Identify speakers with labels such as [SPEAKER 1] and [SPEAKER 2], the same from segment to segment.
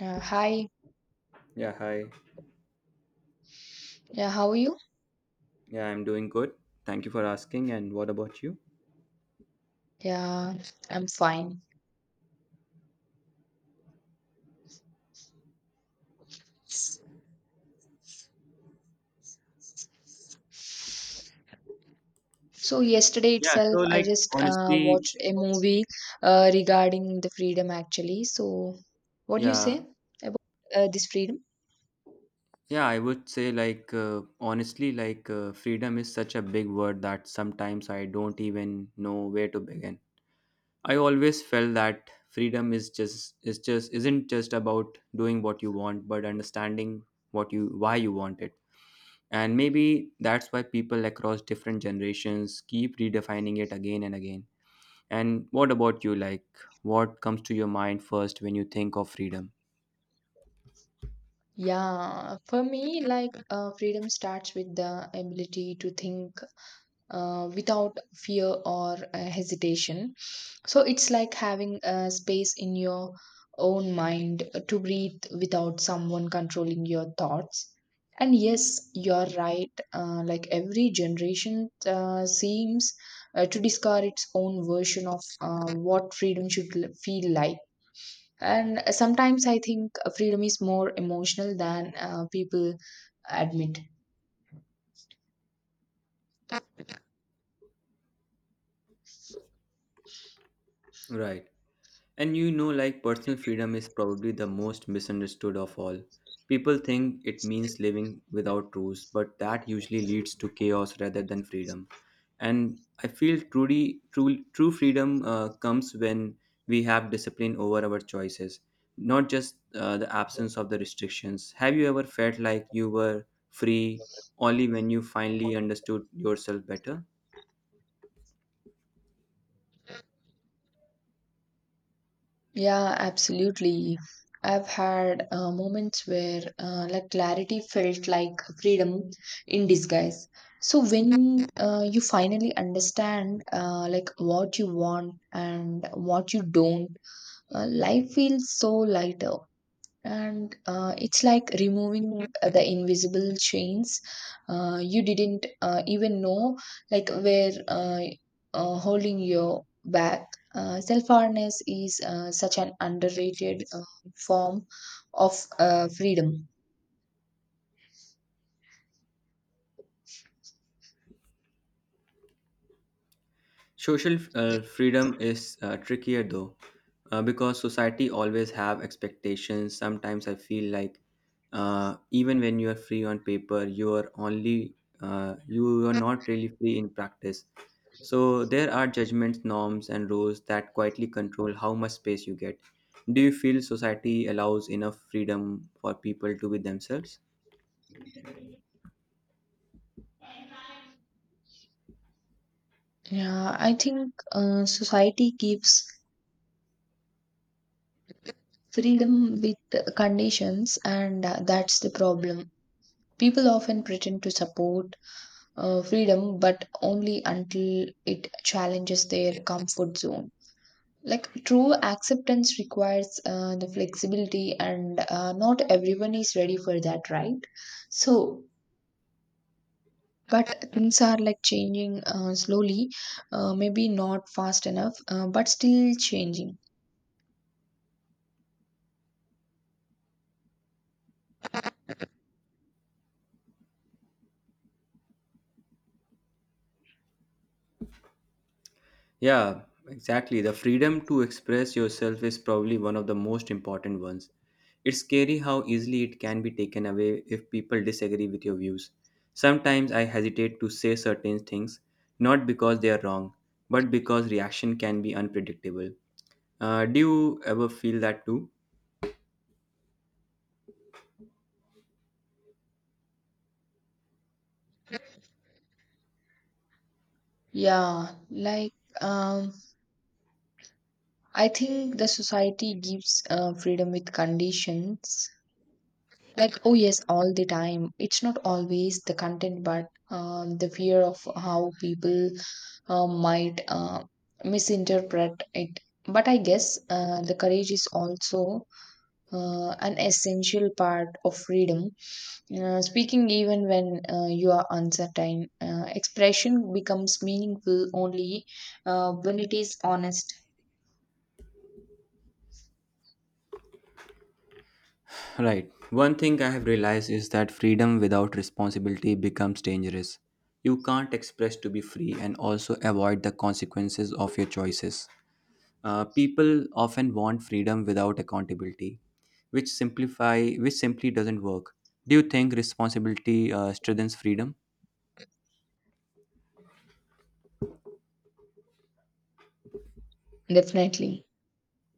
[SPEAKER 1] Hi.
[SPEAKER 2] Yeah, hi.
[SPEAKER 1] Yeah, how are you?
[SPEAKER 2] Yeah, I'm doing good. Thank you for asking. And what about you?
[SPEAKER 1] Yeah, I'm fine. So yesterday
[SPEAKER 2] Yeah, so
[SPEAKER 1] itself, I
[SPEAKER 2] like
[SPEAKER 1] just
[SPEAKER 2] honestly,
[SPEAKER 1] watched a movie regarding the freedom actually. So what do you
[SPEAKER 2] Yeah,
[SPEAKER 1] say about this freedom?
[SPEAKER 2] yeah, I would say, like, honestly, like, freedom is such a big word that sometimes I don't even know where to begin. I always felt that freedom is just isn't just about doing what you want, but understanding what you why you want it. And maybe that's why people across different generations keep redefining it again and again. And what about you? Like, what comes to your mind first when you think of freedom?
[SPEAKER 1] Yeah, for me, like freedom starts with the ability to think without fear or hesitation. So it's like having a space in your own mind to breathe without someone controlling your thoughts. And yes, you're right. Like every generation seems to discover its own version of what freedom should feel like. And sometimes I think freedom is more emotional than people admit.
[SPEAKER 2] Right. And you know, like personal freedom is probably the most misunderstood of all. People think it means living without rules, but that usually leads to chaos rather than freedom. And I feel true freedom comes when we have discipline over our choices, not just the absence of the restrictions. Have you ever felt like you were free only when you finally understood yourself better?
[SPEAKER 1] Yeah, absolutely. I've had moments where like clarity felt like freedom in disguise. So when you finally understand like what you want and what you don't, life feels so lighter and it's like removing the invisible chains you didn't even know like where holding your back. Uh, self-awareness is such an underrated form of freedom.
[SPEAKER 2] Social freedom is trickier though, because society always have expectations. Sometimes I feel like even when you are free on paper, you are not really free in practice. So there are judgments, norms, and rules that quietly control how much space you get. Do you feel society allows enough freedom for people to be themselves?
[SPEAKER 1] Yeah, I think society gives freedom with conditions and that's the problem. People often pretend to support freedom, but only until it challenges their comfort zone. Like true acceptance requires the flexibility, and not everyone is ready for that, right? So, but things are like changing slowly, maybe not fast enough, but still changing.
[SPEAKER 2] Yeah, exactly. The freedom to express yourself is probably one of the most important ones. It's scary how easily it can be taken away if people disagree with your views. Sometimes I hesitate to say certain things, not because they are wrong, but because reaction can be unpredictable. Do you ever feel that too?
[SPEAKER 1] Yeah, like um, I think the society gives freedom with conditions, like oh yes all the time. It's not always the content but the fear of how people might misinterpret it. But I guess the courage is also an essential part of freedom, speaking even when you are uncertain. Uh, expression becomes meaningful only when it is honest.
[SPEAKER 2] Right. One thing I have realized is that freedom without responsibility becomes dangerous. You can't express to be free and also avoid the consequences of your choices. People often want freedom without accountability, which simplify which simply doesn't work. Do you think responsibility strengthens freedom?
[SPEAKER 1] Definitely.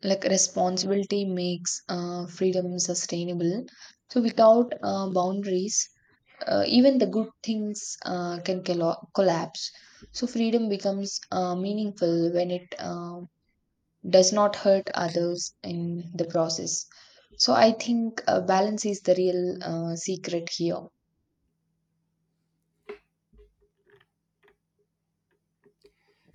[SPEAKER 1] Like responsibility makes freedom sustainable. So without boundaries even the good things collapse. So freedom becomes meaningful when it does not hurt others in the process. So I think balance is the real secret here.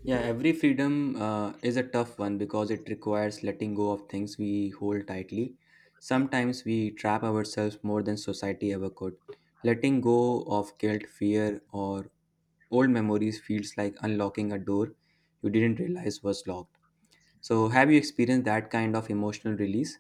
[SPEAKER 2] Yeah, every freedom is a tough one because it requires letting go of things we hold tightly. Sometimes we trap ourselves more than society ever could. Letting go of guilt, fear, or old memories feels like unlocking a door you didn't realize was locked. So have you experienced that kind of emotional release?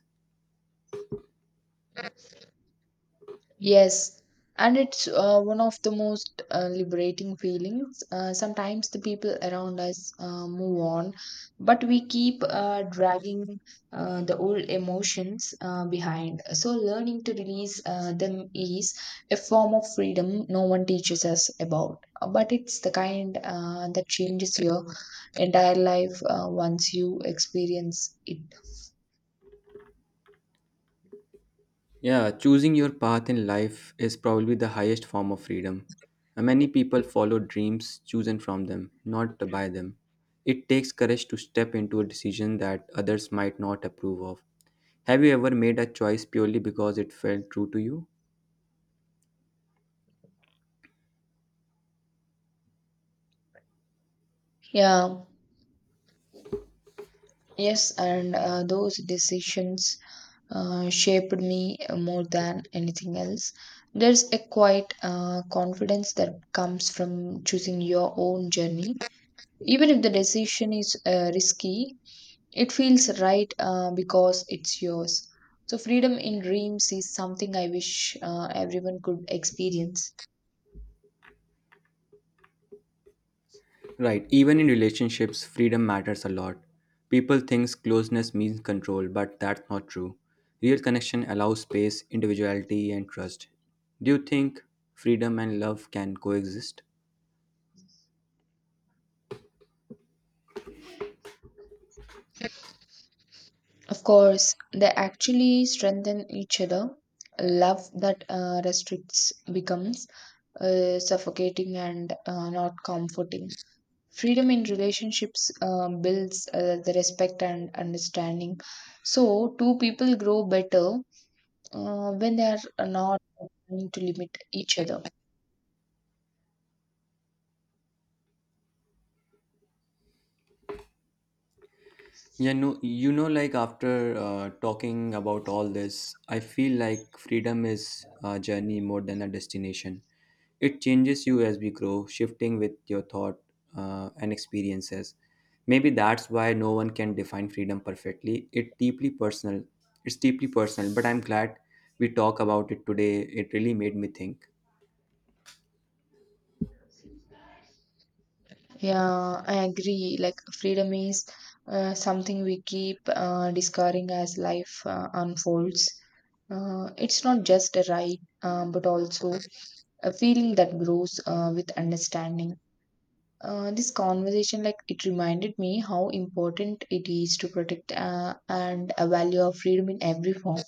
[SPEAKER 1] Yes, and it's one of the most liberating feelings. Sometimes the people around us move on, but we keep dragging the old emotions behind. So, learning to release them is a form of freedom no one teaches us about. But it's the kind that changes your entire life once you experience it.
[SPEAKER 2] Yeah, choosing your path in life is probably the highest form of freedom. Many people follow dreams chosen from them, not by them. It takes courage to step into a decision that others might not approve of. Have you ever made a choice purely because it felt true to you?
[SPEAKER 1] Yeah, yes, and those decisions shaped me more than anything else. There's a quiet confidence that comes from choosing your own journey. Even if the decision is risky, it feels right because it's yours. So, freedom in dreams is something I wish everyone could experience.
[SPEAKER 2] Right, even in relationships, freedom matters a lot. People think closeness means control, but that's not true. Real connection allows space, individuality, and trust. Do you think freedom and love can coexist?
[SPEAKER 1] Of course, they actually strengthen each other. Love that restricts becomes suffocating and not comforting. Freedom in relationships builds the respect and understanding, so two people grow better when they are not trying to limit each other.
[SPEAKER 2] Yeah, no, you know, like after talking about all this, I feel like freedom is a journey more than a destination. It changes you as we grow, shifting with your thought and experiences. Maybe that's why no one can define freedom perfectly. It's deeply personal, but I'm glad we talk about it today. It really made me think.
[SPEAKER 1] Yeah, I agree. Like freedom is something we keep discovering as life unfolds. Uh, it's not just a right but also a feeling that grows with understanding. This conversation, like, it reminded me how important it is to protect and a value of freedom in every form.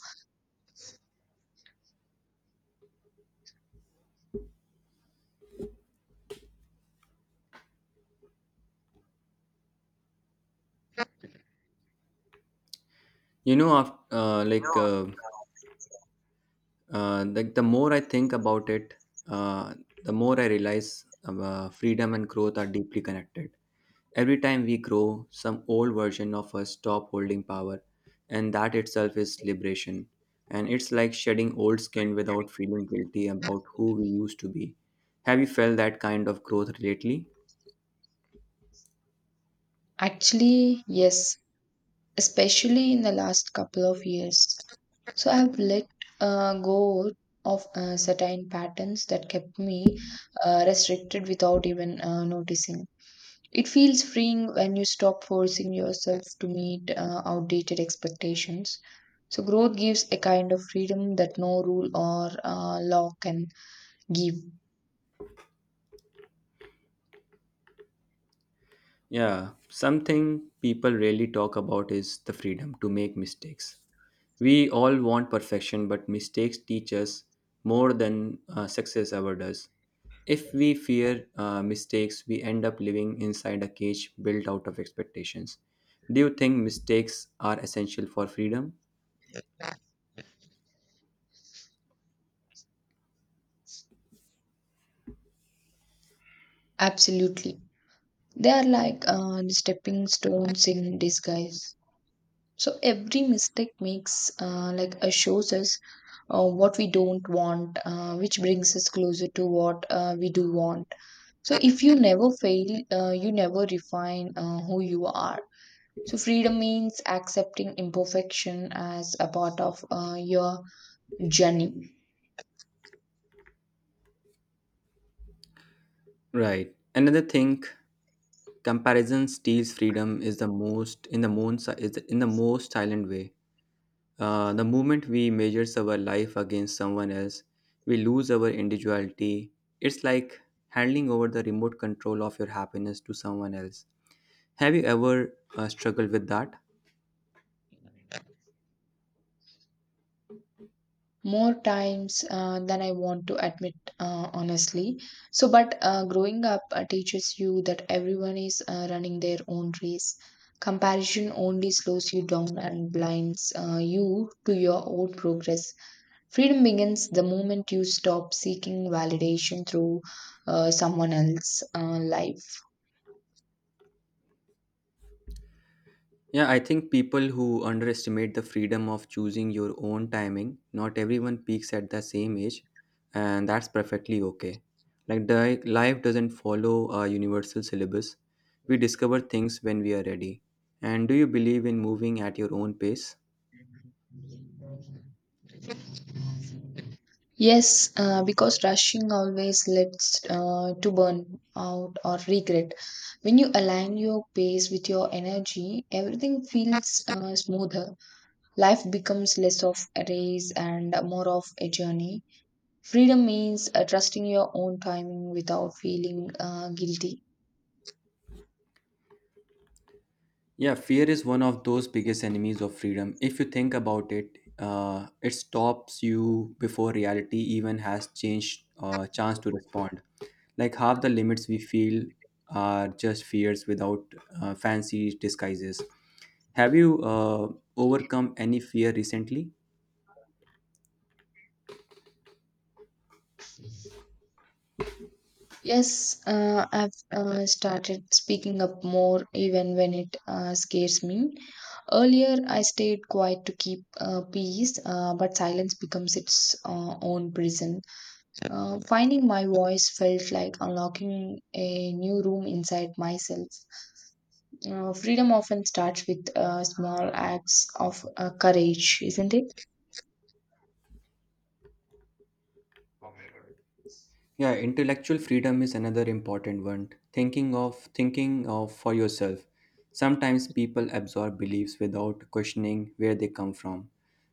[SPEAKER 2] You know, after, the more I think about it, uh, the more I realize freedom and growth are deeply connected. Every time we grow, some old version of us stop holding power, and that itself is liberation. And it's like shedding old skin without feeling guilty about who we used to be. Have you felt that kind of growth lately?
[SPEAKER 1] Actually, yes, especially in the last couple of years. So I've let go of certain patterns that kept me restricted without even noticing. It feels freeing when you stop forcing yourself to meet outdated expectations. So, growth gives a kind of freedom that no rule or law can give.
[SPEAKER 2] Yeah, something people rarely talk about is the freedom to make mistakes. We all want perfection, but mistakes teach us more than success ever does. If we fear mistakes, we end up living inside a cage built out of expectations. Do you think mistakes are essential for freedom?
[SPEAKER 1] Absolutely. They are like the stepping stones in disguise. So, every mistake makes, shows us what we don't want, which brings us closer to what we do want. So, if you never fail, you never refine who you are. So, freedom means accepting imperfection as a part of your journey.
[SPEAKER 2] Right. Another thing, comparison steals freedom is the most in the most is the- in the most silent way. The moment we measures our life against someone else, we lose our individuality. It's like handing over the remote control of your happiness to someone else. Have you ever struggled with that?
[SPEAKER 1] More times than I want to admit, honestly. So, but growing up teaches you that everyone is running their own race. Comparison only slows you down and blinds you to your own progress. Freedom begins the moment you stop seeking validation through someone else's life.
[SPEAKER 2] Yeah, I think people who underestimate the freedom of choosing your own timing, not everyone peaks at the same age, and that's perfectly okay. Like, life doesn't follow a universal syllabus. We discover things when we are ready. And do you believe in moving at your own pace?
[SPEAKER 1] Yes, because rushing always leads to burn out or regret. When you align your pace with your energy, everything feels smoother. Life becomes less of a race and more of a journey. Freedom means trusting your own timing without feeling guilty.
[SPEAKER 2] Yeah, fear is one of those biggest enemies of freedom. If you think about it, it stops you before reality even has changed chance to respond. Like half the limits we feel are just fears without fancy disguises. Have you overcome any fear recently?
[SPEAKER 1] Yes, I've started speaking up more even when it scares me. Earlier, I stayed quiet to keep peace, but silence becomes its own prison. Finding my voice felt like unlocking a new room inside myself. Freedom often starts with small acts of courage, isn't it?
[SPEAKER 2] Yeah, intellectual freedom is another important one. Thinking of for yourself. Sometimes people absorb beliefs without questioning where they come from.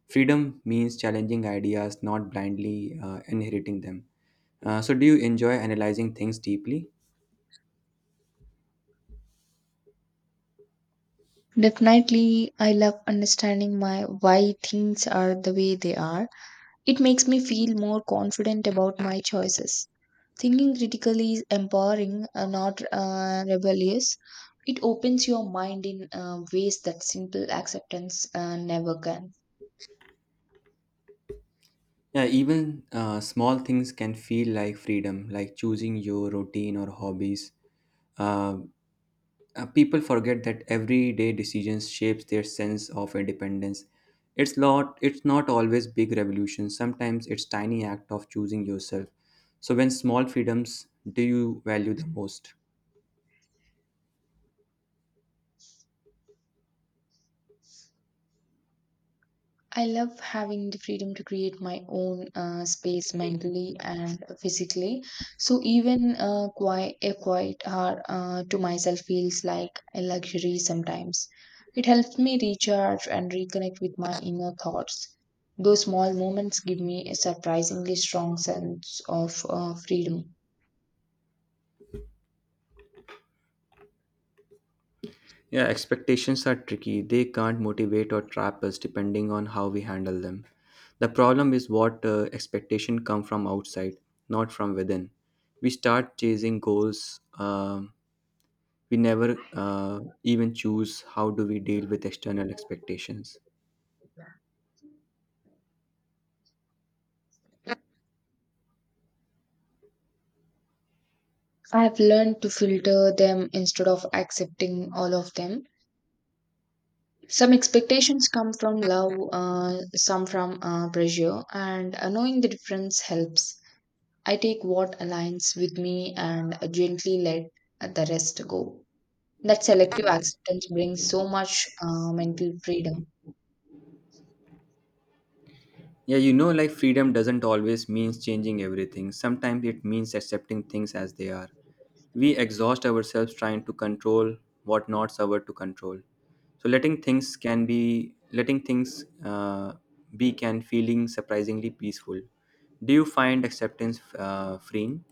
[SPEAKER 2] Freedom means challenging ideas, not blindly inheriting them. So, do you enjoy analyzing things deeply?
[SPEAKER 1] Definitely, I love understanding my why things are the way they are. It makes me feel more confident about my choices. Thinking critically is empowering, not rebellious. It opens your mind in ways that simple acceptance never can.
[SPEAKER 2] Yeah, even small things can feel like freedom, like choosing your routine or hobbies. Uh, people forget that everyday decisions shapes their sense of independence. It's not always big revolutions. Sometimes it's tiny act of choosing yourself. So when small freedoms do you value the most?
[SPEAKER 1] I love having the freedom to create my own space mentally and physically. So even a quiet hour to myself feels like a luxury sometimes. It helps me recharge and reconnect with my inner thoughts. Those small moments give me a surprisingly strong sense of freedom.
[SPEAKER 2] Yeah, expectations are tricky. They can't motivate or trap us depending on how we handle them. The problem is what expectation come from outside, not from within. We start chasing goals, um we never even choose how do we deal with external expectations.
[SPEAKER 1] I have learned to filter them instead of accepting all of them. Some expectations come from love, some from pressure, and knowing the difference helps. I take what aligns with me and gently let the rest go. That selective acceptance brings so much mental freedom.
[SPEAKER 2] Yeah, you know, like freedom doesn't always means changing everything. Sometimes it means accepting things as they are. We exhaust ourselves trying to control what not our to control. So letting things be can feeling surprisingly peaceful. Do you find acceptance freeing?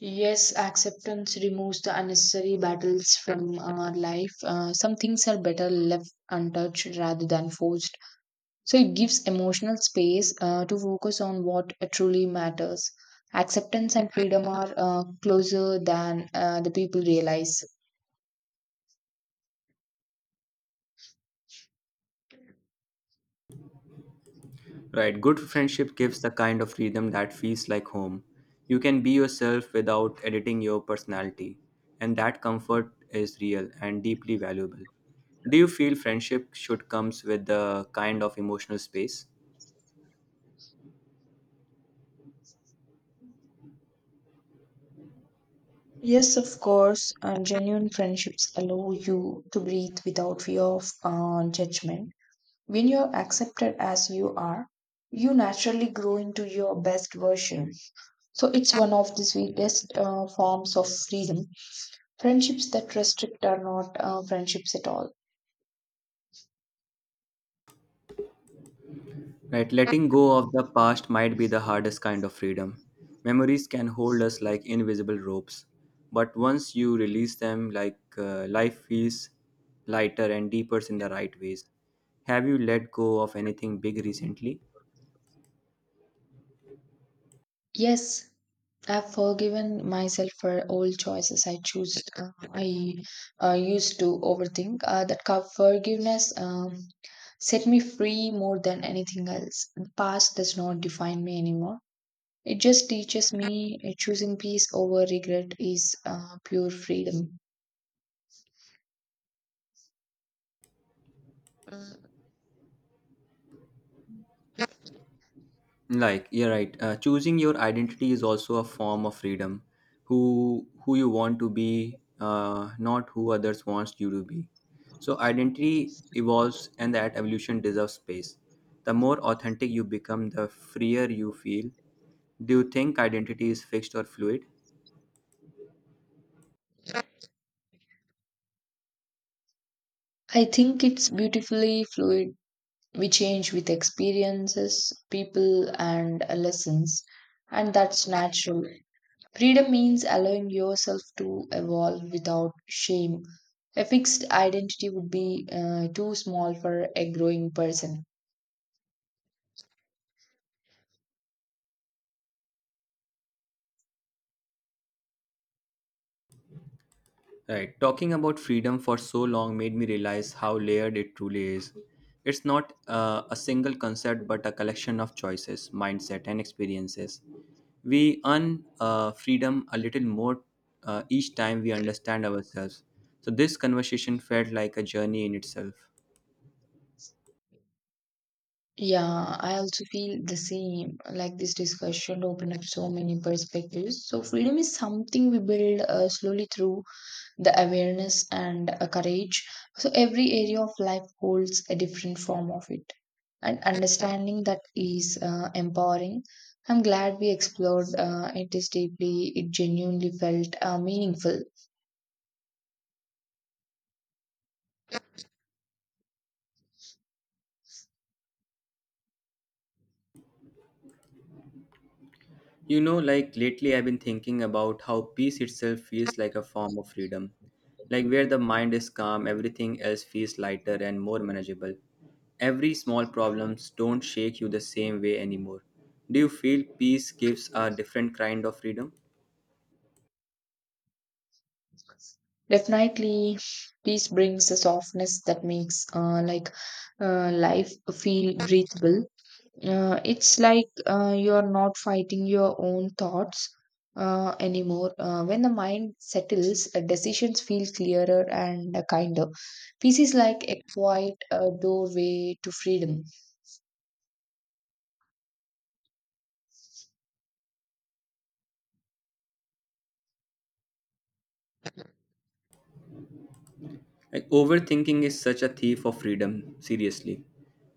[SPEAKER 1] Yes, acceptance removes the unnecessary battles from our life. Some things are better left untouched rather than forced. So it gives emotional space to focus on what truly matters. Acceptance and freedom are closer than the people realize.
[SPEAKER 2] Right, good friendship gives the kind of freedom that feels like home. You can be yourself without editing your personality, and that comfort is real and deeply valuable. Do you feel friendship should comes with the kind of emotional space?
[SPEAKER 1] Yes, of course, and genuine friendships allow you to breathe without fear of judgment. When you're accepted as you are, you naturally grow into your best version. So it's one of the sweetest forms of freedom. Friendships that restrict are not friendships at all.
[SPEAKER 2] Right, letting go of the past might be the hardest kind of freedom. Memories can hold us like invisible ropes, but once you release them, like life feels lighter and deeper in the right ways. Have you let go of anything big recently?
[SPEAKER 1] Yes, I've forgiven myself for old choices I choose. I used to overthink. That forgiveness set me free more than anything else. The past does not define me anymore. It just teaches me choosing peace over regret is pure freedom.
[SPEAKER 2] Like you're right, choosing your identity is also a form of freedom. Who you want to be, not who others wants you to be. So identity evolves, and that evolution deserves space. The more authentic you become, the freer you feel. Do you think identity is fixed or fluid?
[SPEAKER 1] I think it's beautifully fluid. We change with experiences, people, and lessons, and that's natural. Freedom means allowing yourself to evolve without shame. A fixed identity would be too small for a growing person.
[SPEAKER 2] Right. Talking about freedom for so long made me realize how layered it truly is. It's not a single concept, but a collection of choices, mindset, and experiences. We earn freedom a little more each time we understand ourselves. So, this conversation felt like a journey in itself.
[SPEAKER 1] Yeah, I also feel the same. Like this discussion opened up so many perspectives. So, freedom is something we build slowly through the awareness and a courage. So every area of life holds a different form of it. And understanding that is empowering. I'm glad we explored it is deeply, it genuinely felt meaningful.
[SPEAKER 2] You know, like lately I've been thinking about how peace itself feels like a form of freedom. Like where the mind is calm, everything else feels lighter and more manageable. Every small problems don't shake you the same way anymore. Do you feel peace gives a different kind of freedom?
[SPEAKER 1] Definitely, peace brings a softness that makes life feel breathable. It's like you're not fighting your own thoughts anymore. When the mind settles, decisions feel clearer and kinder. Peace is like a quiet doorway to freedom.
[SPEAKER 2] Like overthinking is such a thief of freedom, seriously.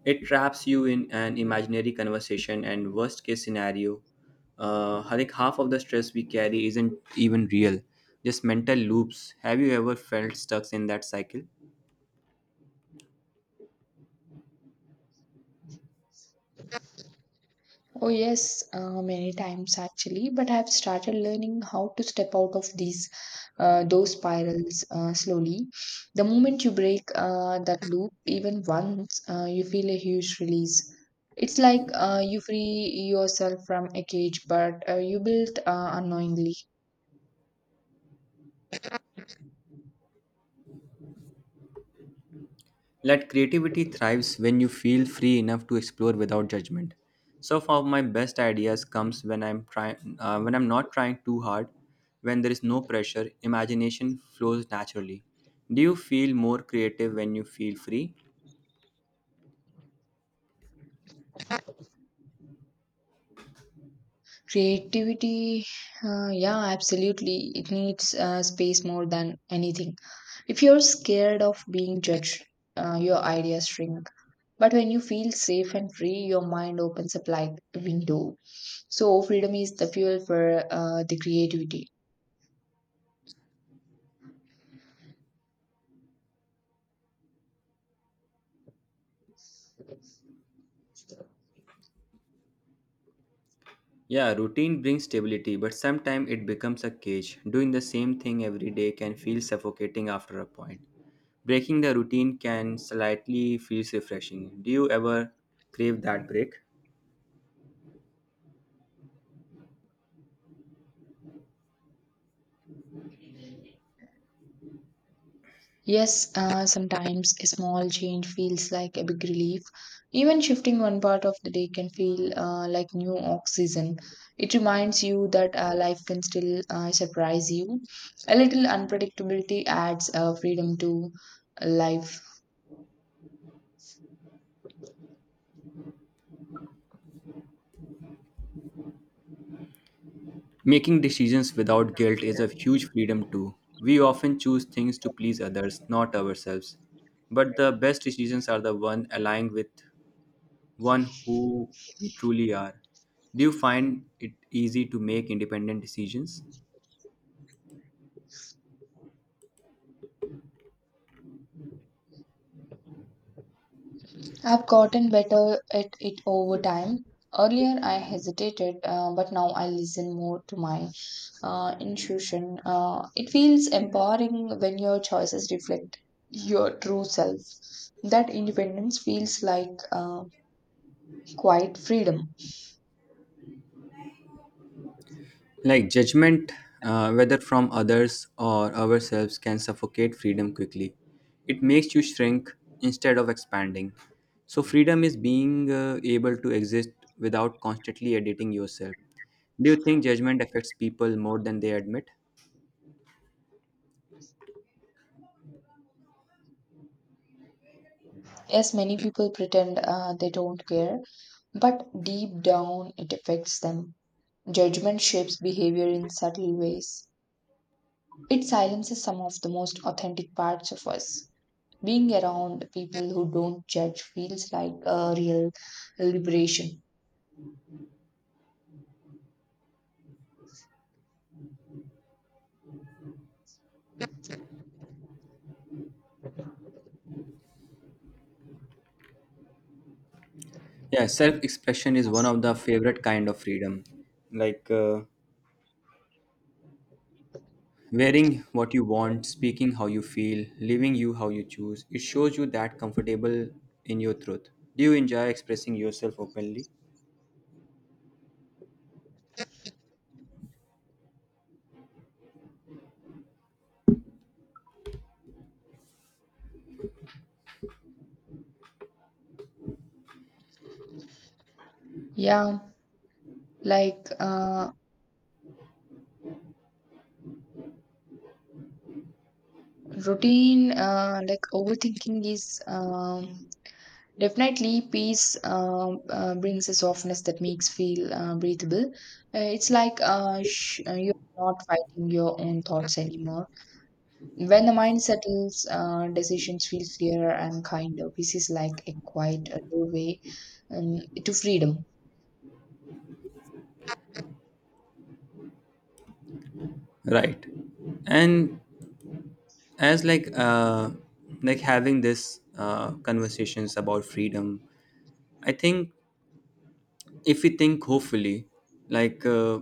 [SPEAKER 2] It traps you in an imaginary conversation and worst case scenario. Like half of the stress we carry isn't even real, just mental loops. Have you ever felt stuck in that cycle?
[SPEAKER 1] Oh, yes, many times actually, but I've started learning how to step out of these those spirals slowly. The moment you break that loop, even once, you feel a huge release. It's like you free yourself from a cage, but you built unknowingly.
[SPEAKER 2] Let creativity thrives when you feel free enough to explore without judgment. So far, my best ideas comes when I'm trying, when I'm not trying too hard, when there is no pressure. Imagination flows naturally. Do you feel more creative when you feel free?
[SPEAKER 1] Creativity, yeah, absolutely. It needs space more than anything. If you're scared of being judged, your ideas shrink. But when you feel safe and free, your mind opens up like a window. So, freedom is the fuel for the creativity.
[SPEAKER 2] Yeah, routine brings stability, but sometimes it becomes a cage. Doing the same thing every day can feel suffocating after a point. Breaking the routine can slightly feels refreshing. Do you ever crave that break?
[SPEAKER 1] Yes, sometimes a small change feels like a big relief. Even shifting one part of the day can feel like new oxygen. It reminds you that life can still surprise you. A little unpredictability adds freedom to life.
[SPEAKER 2] Making decisions without guilt is a huge freedom, too. We often choose things to please others, not ourselves. But the best decisions are the one aligned with one who we truly are. Do you find it easy to make independent decisions?
[SPEAKER 1] I've gotten better at it over time. Earlier, I hesitated, but now I listen more to my intuition. It feels empowering when your choices reflect your true self. That independence feels like quiet freedom.
[SPEAKER 2] Like judgment, whether from others or ourselves, can suffocate freedom quickly. It makes you shrink instead of expanding. So, freedom is being able to exist without constantly editing yourself. Do you think judgment affects people more than they admit?
[SPEAKER 1] Yes, many people pretend they don't care, but deep down it affects them. Judgment shapes behavior in subtle ways. It silences some of the most authentic parts of us. Being around people who don't judge feels like a real liberation.
[SPEAKER 2] Yeah, self expression is one of the favorite kind of freedom. Like, wearing what you want, speaking how you feel, living you how you choose, it shows you that comfortable in your truth. Do you enjoy expressing yourself openly?
[SPEAKER 1] Yeah, like routine, like overthinking is definitely peace brings a softness that makes feel breathable. It's like you're not fighting your own thoughts anymore. When the mind settles, decisions feel clearer and kinder. Peace is like a quiet doorway um, to freedom.
[SPEAKER 2] Right. And as like having this conversations about freedom, I think if we think hopefully like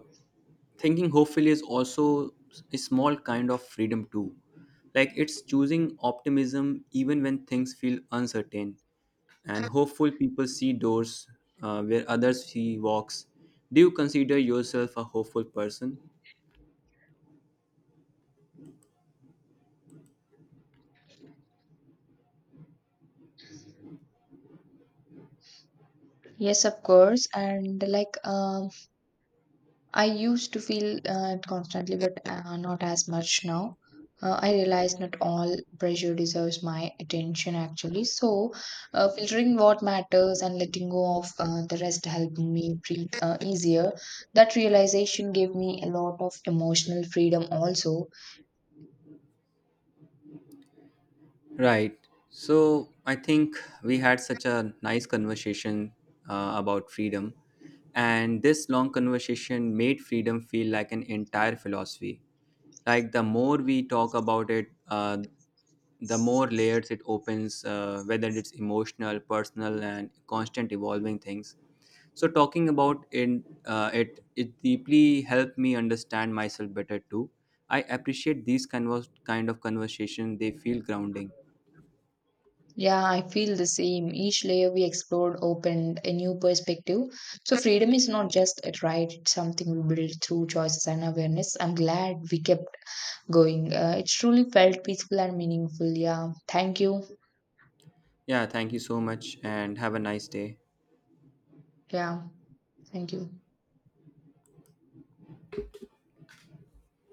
[SPEAKER 2] thinking hopefully is also a small kind of freedom too. Like it's choosing optimism even when things feel uncertain, and hopeful people see doors where others see walks. Do you consider yourself a hopeful person?
[SPEAKER 1] Yes, of course. And like, I used to feel it constantly, but not as much now. I realize not all pressure deserves my attention actually. So, filtering what matters and letting go of the rest helped me breathe easier. That realization gave me a lot of emotional freedom also.
[SPEAKER 2] Right. So I think we had such a nice conversation about freedom, and this long conversation made freedom feel like an entire philosophy. Like the more we talk about it, the more layers it opens, whether it's emotional, personal, and constant evolving things. So talking about in it, it deeply helped me understand myself better too. I appreciate these kind of conversation. They feel grounding.
[SPEAKER 1] Yeah, I feel the same. Each layer we explored opened a new perspective. So, freedom is not just a right, it's something we build through choices and awareness. I'm glad we kept going. It truly felt peaceful and meaningful. Yeah, thank you.
[SPEAKER 2] Yeah, thank you so much and have a nice day.
[SPEAKER 1] Yeah, thank you.